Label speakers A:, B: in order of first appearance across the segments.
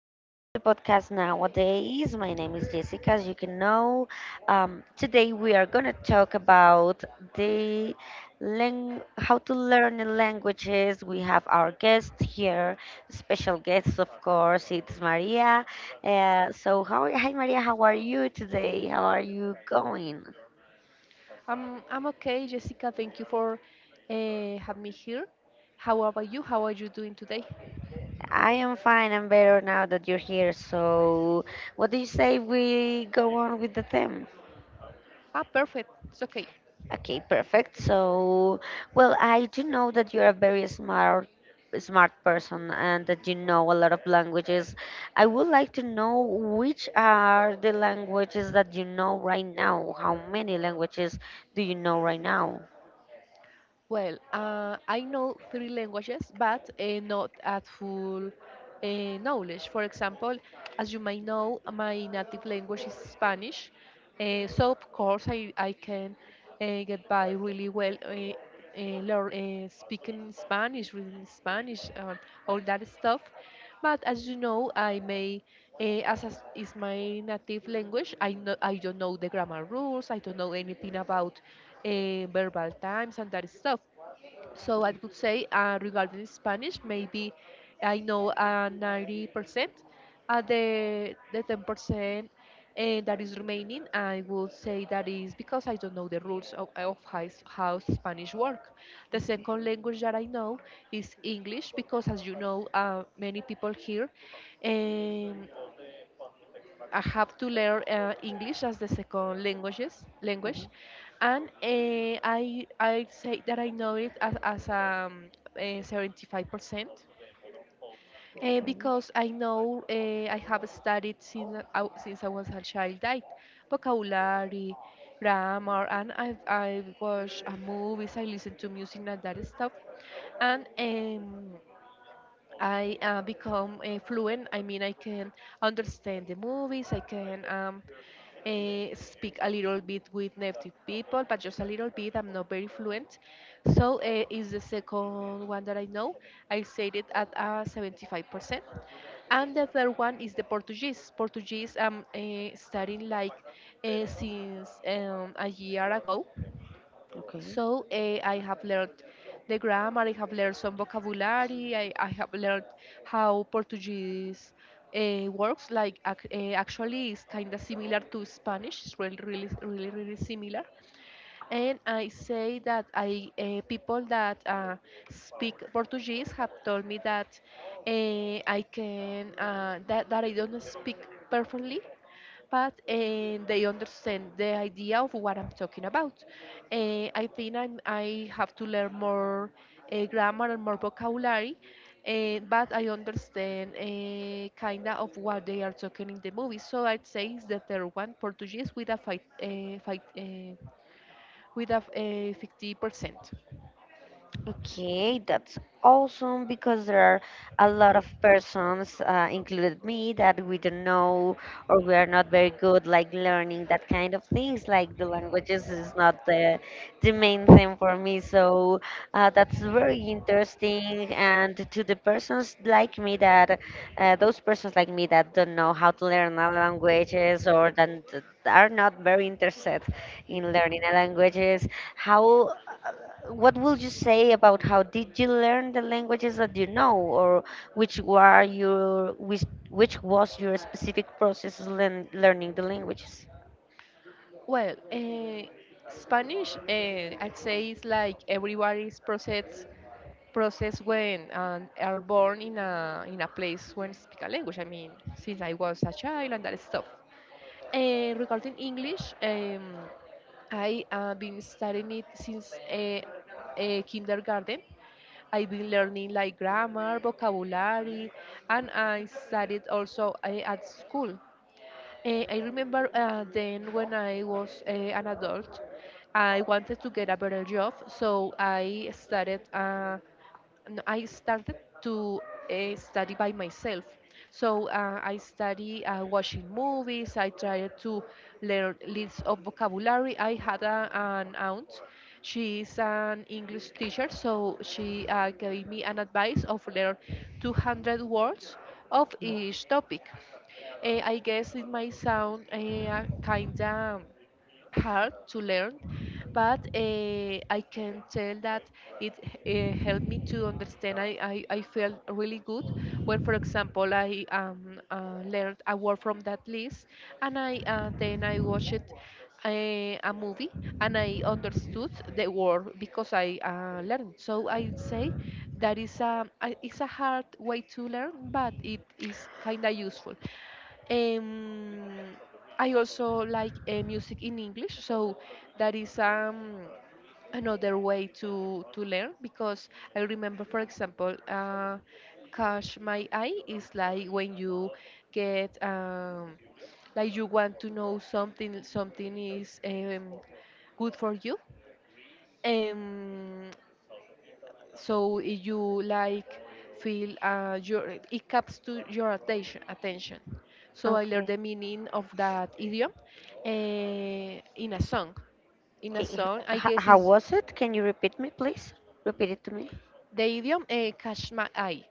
A: getting to the podcast nowadays. My name is Jessica, as you can know. Today, we are going to talk about the how to learn the languages. We have our guest here, special guest, of course. It's Maria. So, hi, Maria. How are you today? How are you going?
B: I'm okay, Jessica. Thank you for having me here. How about you? How are you doing today?
A: I am fine. I'm better now that you're here. So, what do you say we go on with the theme?
B: Ah, perfect. It's okay.
A: Okay, perfect. So, well, I do know that you're a very smart person and that you know a lot of languages. I would like to know which are the languages that you know right now. How many languages do you know right now?
B: Well, I know three languages, but not at full knowledge. For example, as you may know, my native language is Spanish, so of course I can get by really well speaking Spanish, reading Spanish, all that stuff. But as you know, I may, as is my native language, I don't know the grammar rules. I don't know anything about verbal times and that stuff. So I
A: Okay,
B: would say regarding Spanish, maybe I know 90%. The 10% that is remaining, I would say that is because I don't know the rules of how, how Spanish work. The
A: okay,
B: second language that I know is English because, as you know, many people here. Um, I have to learn English as the second language, and I say that I know it as 75%.
A: okay.
B: Because I know I have studied since I was a child, like vocabulary, grammar, and I watch movies, I listen to music and that stuff, and I become fluent. I mean, I can understand the movies, I can speak a little bit with native people, but just a little bit. I'm not very fluent. So is the second one that I know. I said it at 75%. And the third one is the Portuguese. Portuguese I'm studying like since a year ago.
A: Okay.
B: So I have learned the grammar, I have learned some vocabulary, I have learned how Portuguese works. Like actually, it's kind of similar to Spanish. It's really, really, really, really similar. And I say that I people that speak Portuguese have told me that uh, I can that I don't speak perfectly but and they understand the idea of what I'm talking about. I think I have to learn more grammar and more vocabulary, but I understand kind of what they are talking in the movie. So I'd say it's the third one, Portuguese, with a 50%.
A: Okay, that's awesome because there are a lot of persons, included me, that we don't know or we are not very good like learning that kind of things. Like the languages is not the main thing for me, so that's very interesting. And to the persons like me that those persons like me that don't know how to learn other languages or that are not very interested in learning a languages how, uh, what would you say about how did you learn the languages that you know, or which was your specific process, learning the languages?
B: Well, Spanish, I'd say it's like everybody's process when are born in a place when speak a language. I mean, since I was a child and that stuff. Regarding English, I have been studying it since kindergarten. I've been learning like grammar, vocabulary, and I studied also at school. I remember then when I was an adult, I wanted to get a better job, so I started. No, I started to study by myself. So I study watching movies. I tried to learn lists of vocabulary. I had an aunt. She is an English teacher, so she gave me an advice of learn 200 words of each topic. I guess it might sound kind of hard to learn, but I can tell that it helped me to understand. I felt really good when, for example, I learned a word from that list, and I then I watched a movie and I understood the word because I learned. So I would say that is it's a hard way to learn, but it is kind of useful. Um, I also like music in English, so that is another way to learn because I remember, for example, catch my eye is like when you get like you want to know something is good for you. Um, so if you like feel your it caps to your attention, so I learned
A: Okay.
B: the meaning of that idiom in a song.
A: Okay. h-
B: I
A: h-
B: guess
A: How
B: is
A: was it? Can you repeat me, please? Repeat it to me.
B: the idiom catch my eye.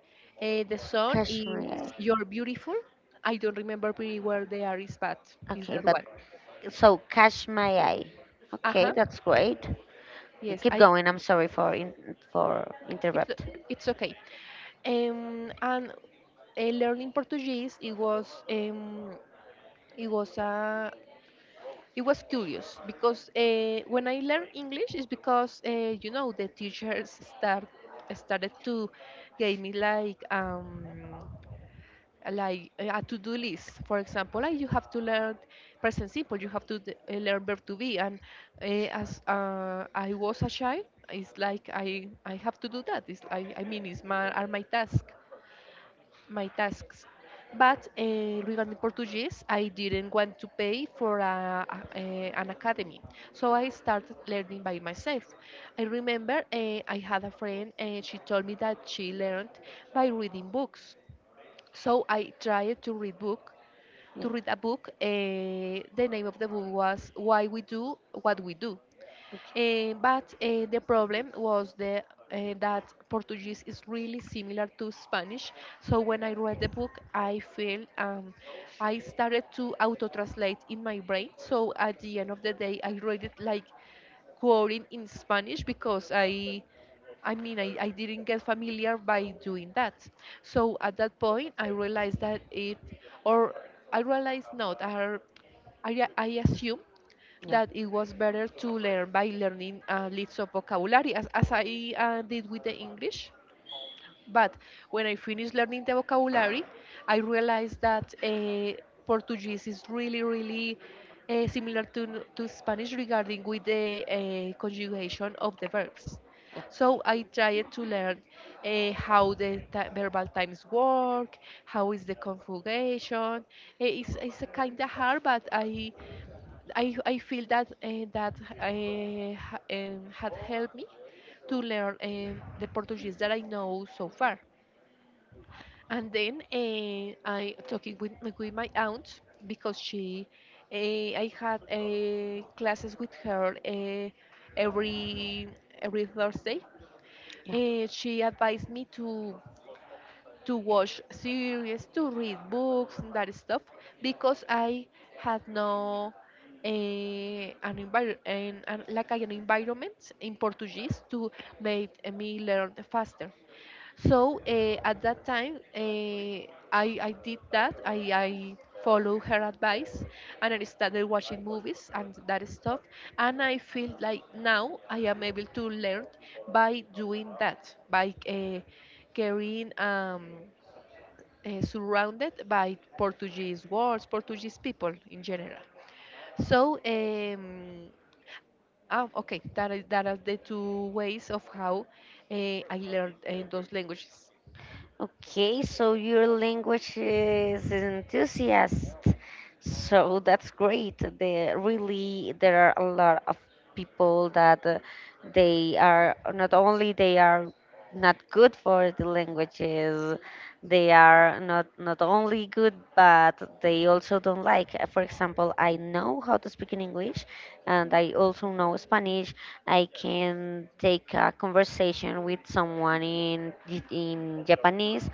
B: The song is
A: Kashmir.
B: You're Beautiful. I don't remember pretty well the artist, but is
A: Okay,
B: that
A: but
B: one.
A: so Kashmir. Okay,
B: Uh-huh.
A: that's great.
B: Yes,
A: Keep
B: I
A: going. I'm sorry for for
B: it's
A: interrupt.
B: it's okay. And learning Portuguese, it was a it was curious because when I learned English, it's because you know the teachers start started to give me like a to-do list. For example, like you have to learn present simple, you have to learn verb to be, and uh, as I was a child, it's like I have to do that. It's I mean it's my task my tasks. But regarding Portuguese, I didn't want to pay for an academy, so I started learning by myself. I remember I had a friend, and she told me that she learned by reading books. So I tried to
A: Yeah,
B: read a book. The name of the book was Why We Do What We Do. But the problem was that Portuguese is really similar to Spanish. So when I read the book, I feel I started to auto-translate in my brain. So at the end of the day, I read it like quoting in Spanish because I mean, I didn't get familiar by doing that. So at that point, I realized that it, or I realized not, I assume
A: yeah,
B: that it was better to learn by learning lists of vocabulary as I did with the English. But when I finished learning the vocabulary, I realized that Portuguese is really, really similar to Spanish regarding with the conjugation of the verbs. So I tried to learn how the verbal times work, how is the conjugation. It's a kind of hard, but I feel that had helped me to learn the Portuguese that I know so far. And then I talking with, with my aunt because she I had classes with her every every Thursday.
A: yeah.
B: She advised me to watch series, to read books, and that stuff, because I had no eh, an, envir- an like an environment in Portuguese to make me learn faster. So at that time, I did that. I followed her advice and I started watching movies and that stuff. And I feel like now I am able to learn by doing that, by carrying surrounded by Portuguese words, Portuguese people in general. So, okay, that is that are the two ways of how uh, I learned those languages.
A: Okay, so your language is enthusiast. So that's great. There are a lot of people that they are not only they are not good for the languages, they are not only good but they also don't like. For example, I know how to speak in English and I also know Spanish. I can take a conversation with someone in Japanese,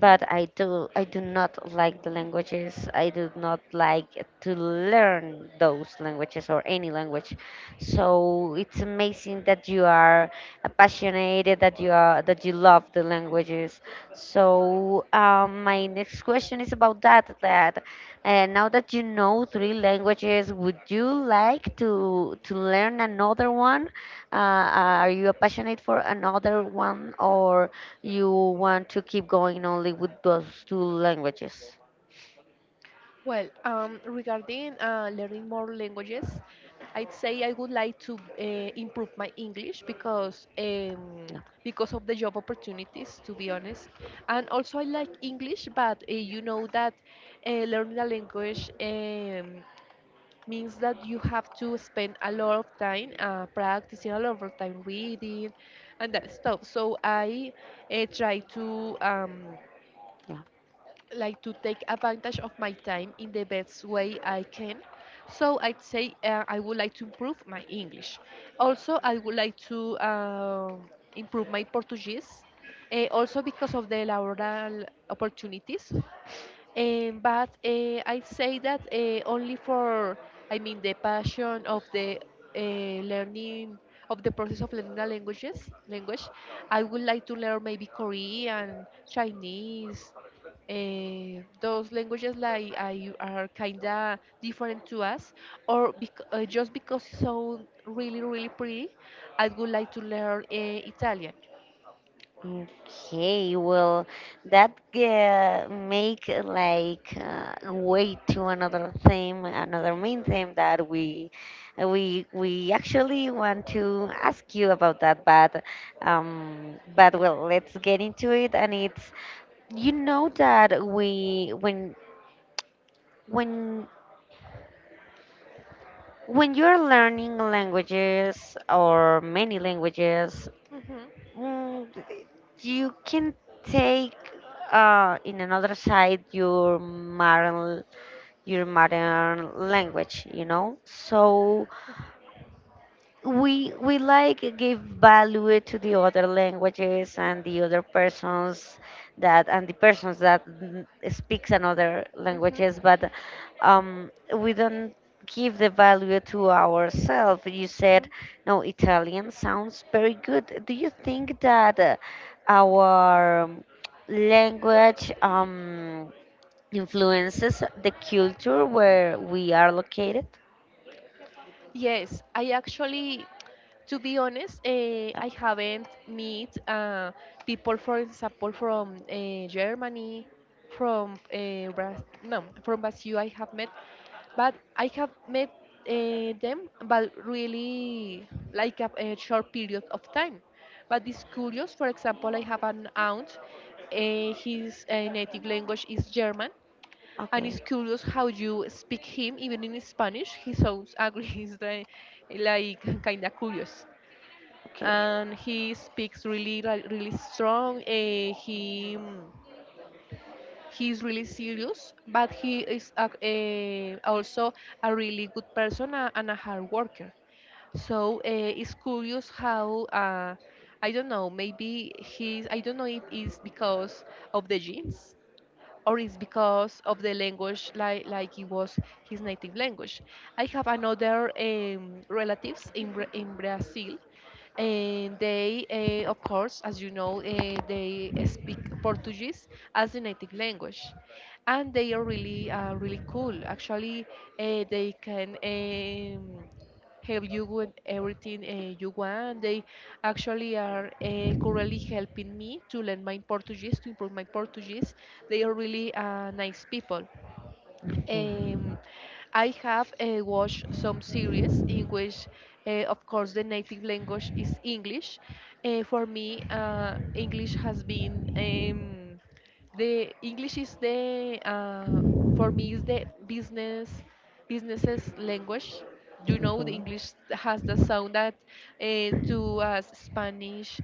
A: but I do not like the languages. I do not like to learn those languages or any language. So it's amazing that you are passionate, that you are that you love the languages. So my next question is about that. That now that you know three languages, would you like to learn another one? Are you passionate for another one, or you want to keep going only with those two languages?
B: Well, regarding learning more languages, I'd say I would like to improve my English
A: Yeah,
B: because of the job opportunities, to be honest. And also, I like English, but you know that learning a language. Means that you have to spend a lot of time practicing, a lot of time reading, and that stuff. So I try to
A: yeah.
B: like to take advantage of my time in the best way I can. So I'd say I would like to improve my English. Also, I would like to improve my Portuguese. Also because of the laboral opportunities, but I say that only for, I mean, the passion of the learning of the process of learning the language. I would like to learn maybe Korean, Chinese, those languages like I are kinda different to us, or just because it sound really really pretty, I would like to learn Italian.
A: Okay, well, that make like way to another theme, another main theme that we actually want to ask you about that, but but well, let's get into it. And it's that we when When you're learning languages or many languages,
B: hmm
A: mm, you can take in another side your modern language, you know. So we like give value to the other languages and the other persons that and the persons that speaks another languages but um, we don't give the value to ourselves. You said,
B: hmm
A: no, Italian sounds very good. Do you think that our language influences the culture where we are located?
B: Yes, I actually, to be honest,
A: Uh,
B: I haven't meet people, for example, from Germany, from Bra- no, from Brazil. I have met, but I have met them, but really like a short period of time. But it's curious. For example, I have an aunt. His native language is German, and it's
A: okay,
B: curious how you speak him. Even in Spanish, he sounds angry. He's like kind of curious,
A: okay,
B: and he speaks really like, really strong. He mm, he's really serious, but he is also a really good person, and a hard worker. So it's curious how I don't know. Maybe he's. I don't know if it's because of the genes or it's because of the language, like it was his native language. I have another relatives in in Brazil, and they of course, as you know, they speak Portuguese as the native language, and they are really really cool. Actually, they can. Help you with everything you want. They actually are currently helping me to learn my Portuguese, to improve my Portuguese. They are really nice people.
A: okay.
B: Um, I have watched some series in which, of course, the native language is English. For me, English has been the English is the for me is the businesses language. You know,
A: Okay.
B: the English has the sound that to us Spanish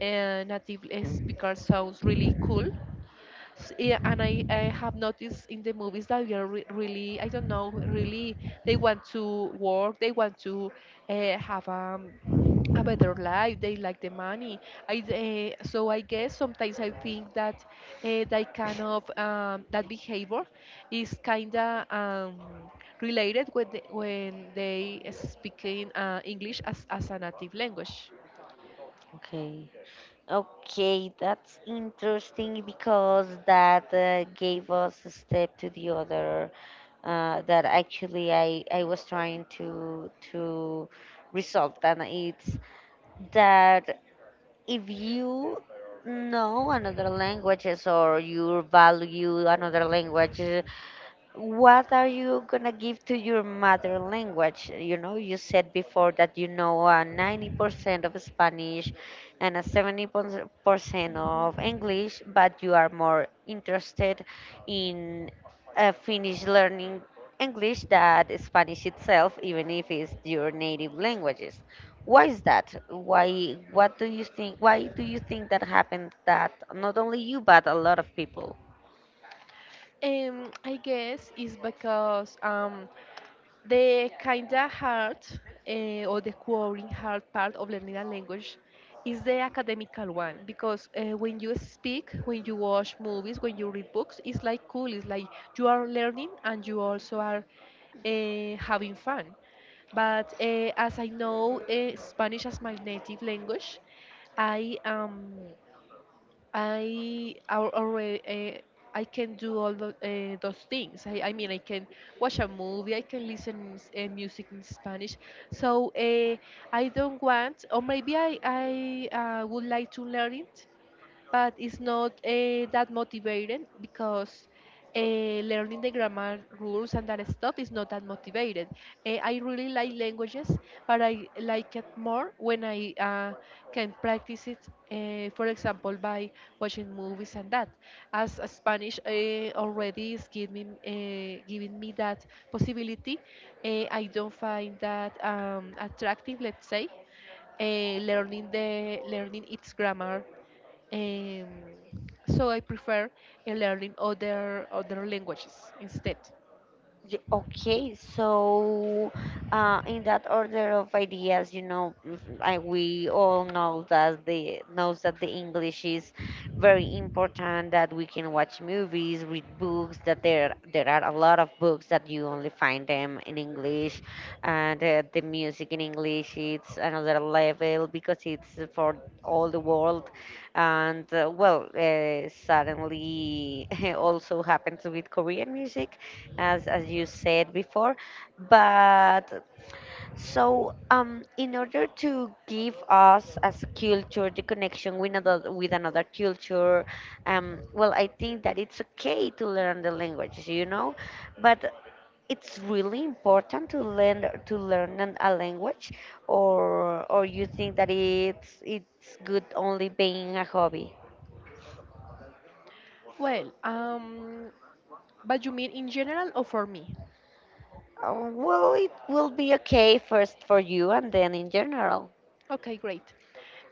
B: native
A: Mm.
B: speaker sounds really cool. Yeah, and I have noticed in the movies that we are really, I don't know, really, they want to work, they want to have a better life, they like the money. So I guess sometimes I think that that behavior is kind of related with when they speak in English as a native language.
A: Okay. Okay, that's interesting because that gave us a step to the other, that actually I was trying to resolve, and it's that if you know another languages or you value another language, what are you gonna give to your mother language? You know, you said before that you know 90% of Spanish and a 70% of English, but you are more interested in finish learning English than Spanish itself, even if it's your native languages. Why is that? Why? What do you think? Why do you think that happened? That not only you, but a lot of people.
B: I guess it's because, the kinda hard, or the quoting hard part of learning a language is the academical one because when you speak, when you watch movies, when you read books, it's like cool. It's like you are learning and you also are having fun. But as I know, Spanish as my native language, I am. Already, I can do those things. I mean, I can watch a movie. I can listen music in Spanish. So, I don't want, or maybe I would like to learn it, but it's not that motivating because learning the grammar rules and that stuff is not that motivated. I really like languages, but I like it more when I can practice it, for example, by watching movies and that. As Spanish already is giving me that possibility, I don't find that attractive, let's say, uh, learning its grammar, um, so I prefer in learning other languages instead.
A: Okay, so in that order of ideas, you know, we all know that the knows that the English is very important. That we can watch movies, read books. That there are a lot of books that you only find them in English, and the music in English it's another level because it's for all the world. And well, suddenly also happens with Korean music, as you said before. But so in order to give us as a culture the connection with another, with another culture, well, I think that it's okay to learn the languages, you know, but it's really important to learn, to learn a language, or you think that it's good only being a hobby?
B: Well, but you mean in general or for me?
A: Oh, well it will be okay first for you and then in general.
B: Okay, great.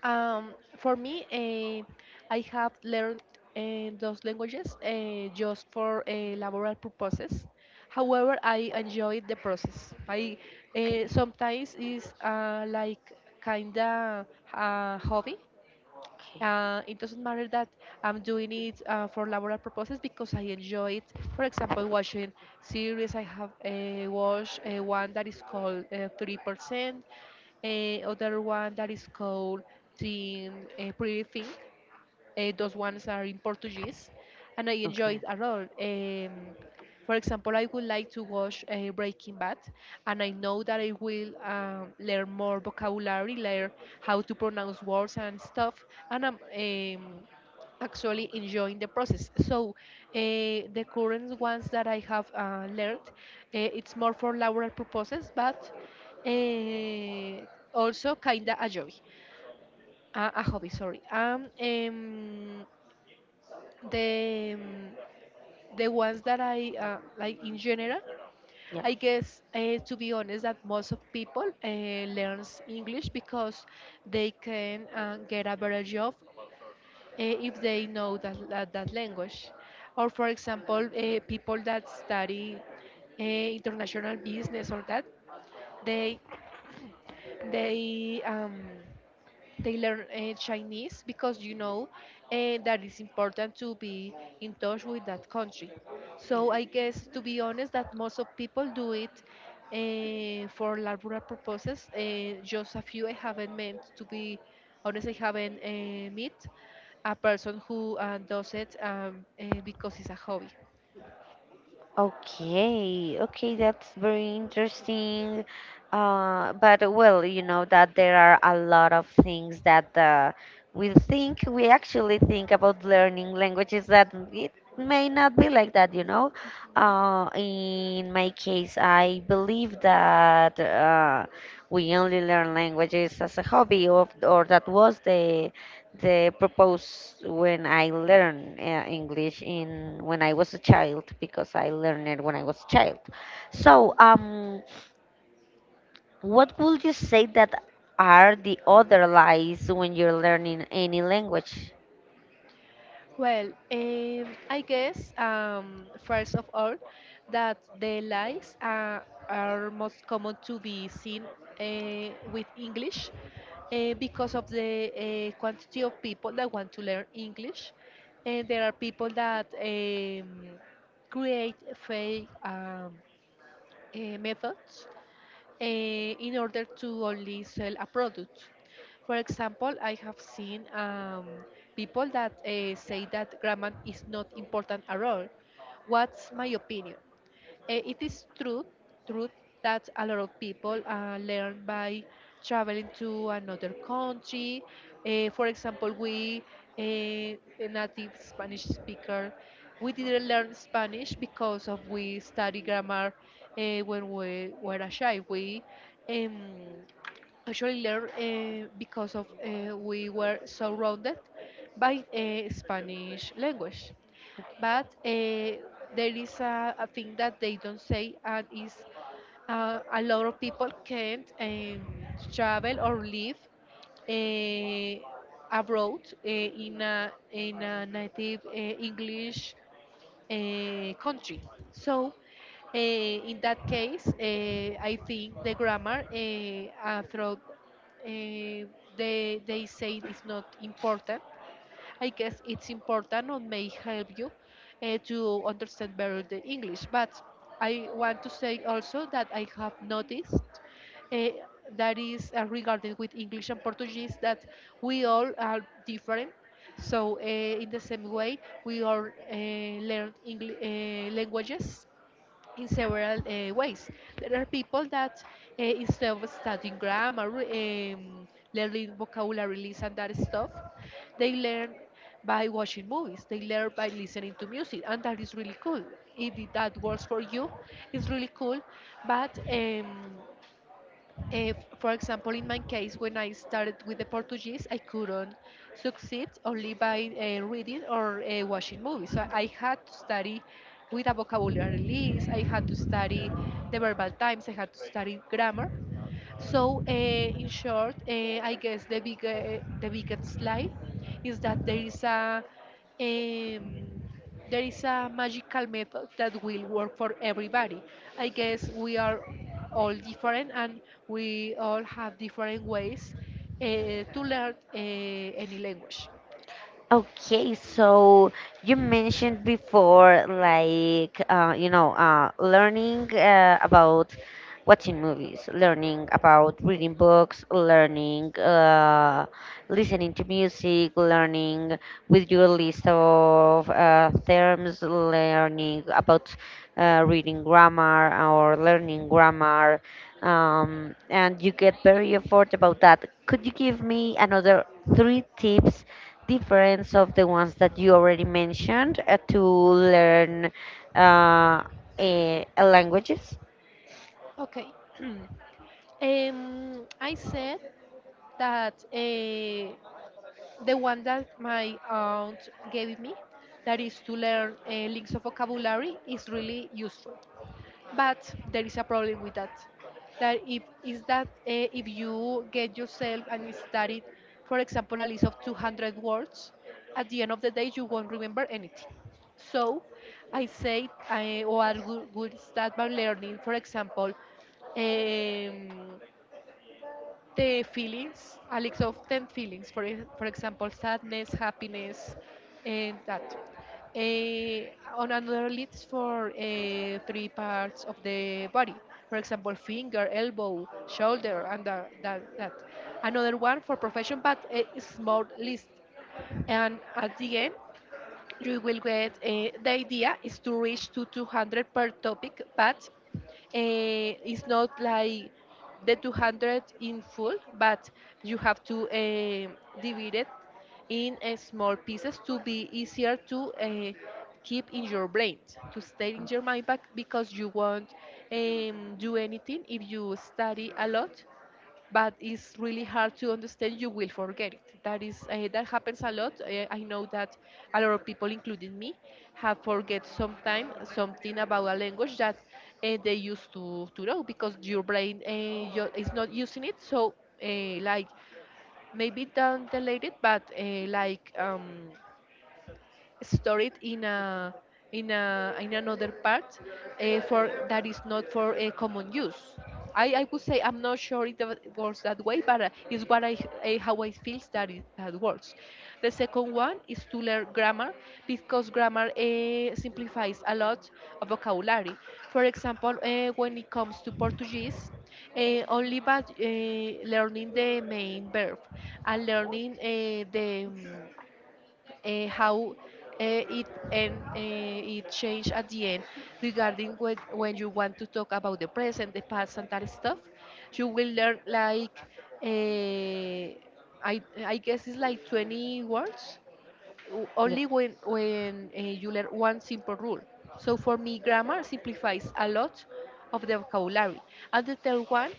B: For me, I have learned those languages just for laboral purposes. However, I enjoyed the process.
A: Okay,
B: Sometimes is like kinda a hobby.
A: okay.
B: It doesn't matter that I'm doing it for laboral purposes because I enjoy it. For example, watching series. I have watched one that is called, 3%, uh, other one that is called Teen Pretty Thing. Those ones are in Portuguese, and I enjoy
A: Okay.
B: it a lot. For example, I would like to watch Breaking Bad, and I know that I will learn more vocabulary, learn how to pronounce words and stuff, and I'm actually enjoying the process. So, the current ones that I have learned, it's more for laboral purposes, but uh, also kinda a joy, a hobby. Sorry. The um, the ones that I like in general.
A: Yeah.
B: I guess, to be honest, that most of people learns English because they can get a better job if they know that language. Or for example, people that study international business or that they they um, they learn Chinese because you know that it's important to be in touch with that country. So I guess, to be honest, that most of people do it for laboral purposes. Just a few I haven't met, to be honest. I haven't met a person who does it because it's a hobby.
A: Okay, okay, that's very interesting. But well, you know that there are a lot of things that we think, we actually think about learning languages, that it may not be like that, you know. In my case, I believe that we only learn languages as a hobby, or that was the purpose when I learn English in when I was a child because I learned it when I was a child. So, what would you say that are the other lies when you're learning any language?
B: Well, I guess, first of all, that the lies are most common to be seen with English because of the quantity of people that want to learn English, and there are people that create fake methods, in order to only sell a product. For example, I have seen people that say that grammar is not important at all. What's my opinion? It is true that a lot of people learn by traveling to another country. For example, a native Spanish speaker, we didn't learn Spanish because of we study grammar when we were a child. We um, actually learn, because of we were surrounded by Spanish language, but there is a thing that they don't say, and is a lot of people can't travel or live uh, abroad in a native English country. So, in that case, I think the grammar, throughout, uh, they say it's not important. I guess it's important or may help you to understand better the English. But I want to say also that I have noticed uh, that is regarding with English and Portuguese that we all are different. So, in the same way, we all learn languages in several ways. There are people that, instead of studying grammar, learning vocabulary lists and that stuff, they learn by watching movies. They learn by listening to music, and that is really cool. If it- that works for you, it's really cool. But Eh, for example, in my case, when I started with the Portuguese, I couldn't succeed only by reading or watching movies. So I had to study with a vocabulary list, I had to study the verbal times, I had to study grammar. So, in short, I guess the biggest lie is that um, there is a magical method that will work for everybody. I guess we are all different and we all have different ways uh, to learn any language.
A: Okay, so you mentioned before, like, you know, learning about watching movies, learning about reading books, learning listening to music, learning with your list of terms, learning about reading grammar or learning grammar, and you get very effort about that. Could you give me another three tips, difference of the ones that you already mentioned, to learn, uh, languages?
B: Okay. I said that. The one that my aunt gave me, that is to learn links of vocabulary, is really useful, but there is a problem with that, that if is that if you get yourself and study, for example, a list of 200 words, at the end of the day you won't remember anything. So I say I, or I would start by learning, for example, um, the feelings, a list of 10 feelings, for example, sadness, happiness, and that. Eh, on another list for, three parts of the body, for example, finger, elbow, shoulder, and that. Another one for profession, but it's more list. And at the end, you will get the idea is to reach to 200 per topic, but uh, it's not like the 200 in full, but you have to divide it in small pieces to be easier to keep in your brain, to stay in your mind back, because you won't do anything if you study a lot, but it's really hard to understand. You will forget it. That is that happens a lot. I know that a lot of people, including me, have forget sometime something about a language that they used to know, because your brain, is not using it. So like, maybe down the it, but like store it in another part for that is not for a common use. I would say I'm not sure works that way, but it's what I how I feel that that works. The second one is to learn grammar because grammar simplifies a lot of vocabulary. For example, when it comes to Portuguese, only but learning the main verb and learning the, how it changed at the end regarding when you want to talk about the present, the past, and that stuff. You will learn like, uh, I guess it's like 20 words,
A: Yeah.
B: only when you learn one simple rule. So for me, grammar simplifies a lot of the vocabulary. And the third one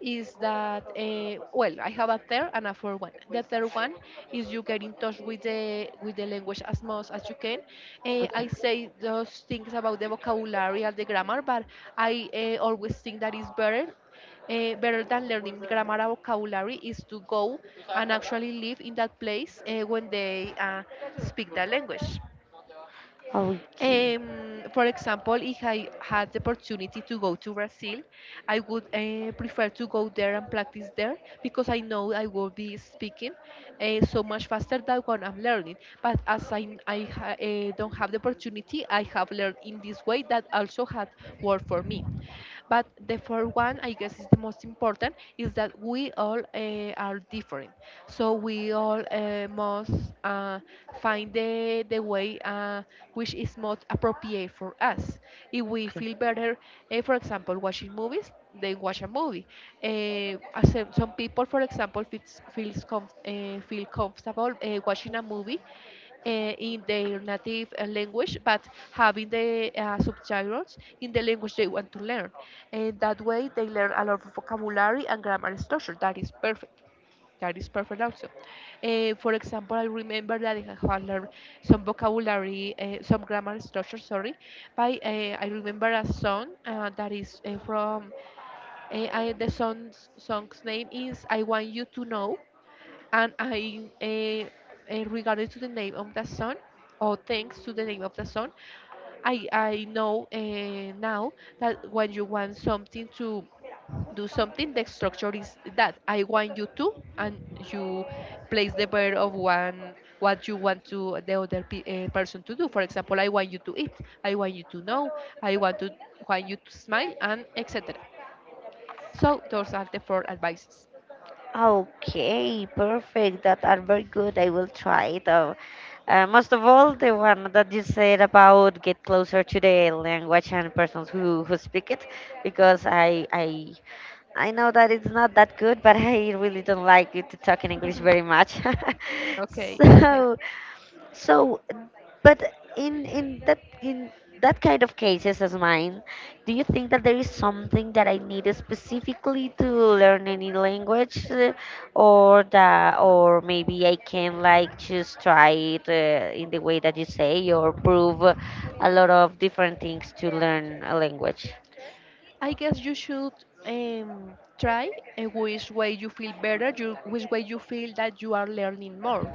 B: is that, well, I have a third and a fourth one. The third one is you get in touch with the language as much as you can.
A: Okay.
B: I say those things about the vocabulary and the grammar, but I always think that it's better than learning grammar and vocabulary is to go and actually live in that place when they speak that language.
A: Okay.
B: For example, if I had the opportunity to go to Brazil, I would prefer to go there and practice there because I know I will be speaking so much faster than when I'm learning. But as I don't have the opportunity, I have learned in this way that also had worked for me. But the fourth one, I guess, is the most important, is that we all are different. So we all must uh, find the way which is most appropriate for us. If we feel better, for example, watching movies, they watch a movie. Uh, as some people, for example, feel comfortable watching a movie in their native language, but having the subtitles in the language they want to learn. And that way they learn a lot of vocabulary and grammar structure. That is perfect. That is perfect also. For example, I remember that I have learned some vocabulary, some grammar structure, sorry, by, I remember a song that is, the song's name is I Want You to Know. And regarding to the name of the sun, or thanks to the name of the sun, I know now that when you want something to do something, the structure is that I want you to, and you place the verb of one what you want to the other person to do. For example, I want you to eat, I want you to know, I want to want you to smile, and etc. So those are the four advices.
A: Okay, perfect. That are very good. I will try it out. Most of all, the one that you said about get closer to the language and persons who speak it, because I know that it's not that good, but I really don't like it to talk in English very much.
B: Okay, it's okay.
A: So, so, but in that kind of cases as mine, do you think that there is something that I needed specifically to learn any language, or that or maybe I can like just try it in the way that you say, or prove a lot of different things to learn a language?
B: I guess you should try which way you feel better, which way you feel that you are learning more.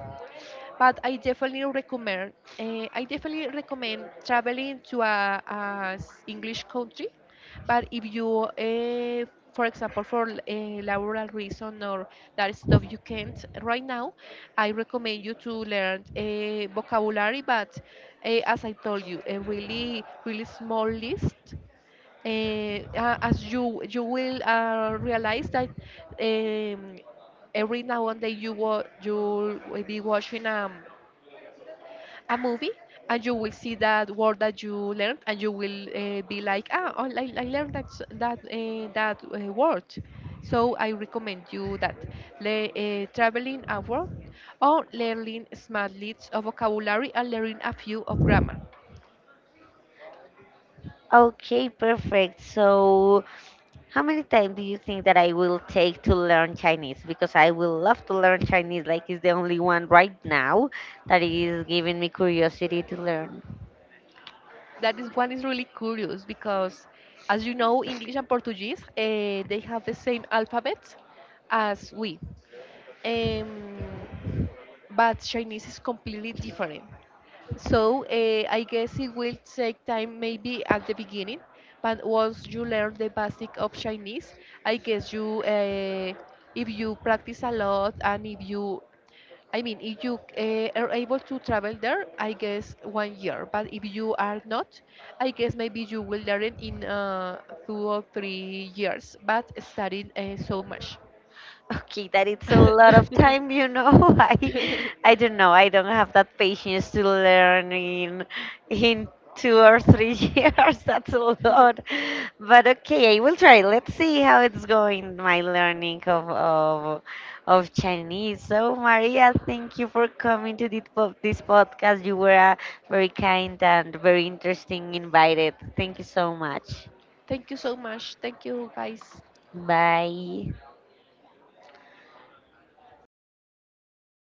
B: But I definitely recommend. I definitely recommend traveling to English country. But if you, for example, for a laboral reason or that stuff you can't right now, I recommend you to learn vocabulary. But, as I told you, a really, really small list, as you will realize that, um, every now and then, you will be watching a movie, and you will see that word that you learned, and you will be like, ah, oh, I learned that, word. So I recommend you that, traveling abroad, or learning small leads of vocabulary and learning a few of grammar.
A: Okay, perfect. So. How many time do you think that I will take to learn Chinese? Because I will love to learn Chinese, like it's the only one right now that is giving me curiosity to learn.
B: That is one is really curious because, as you know, English and Portuguese they have the same alphabet as we, um, but Chinese is completely different. So, I guess it will take time maybe at the beginning, but once you learn the basic of Chinese, I guess you. If you practice a lot and if you, I mean, if you are able to travel there, I guess 1 year. But if you are not, I guess maybe you will learn in 2 or 3 years, but studying so much.
A: Okay, that it's a lot of time, you know. I don't know. I don't have that patience to learn in two or three years. That's a lot. But okay, I will try. Let's see how it's going, my learning of Chinese. So Maria, thank you for coming to this podcast. You were a very kind and very interesting invited. Thank you so much.
B: Thank you so much. Thank you, guys.
A: Bye.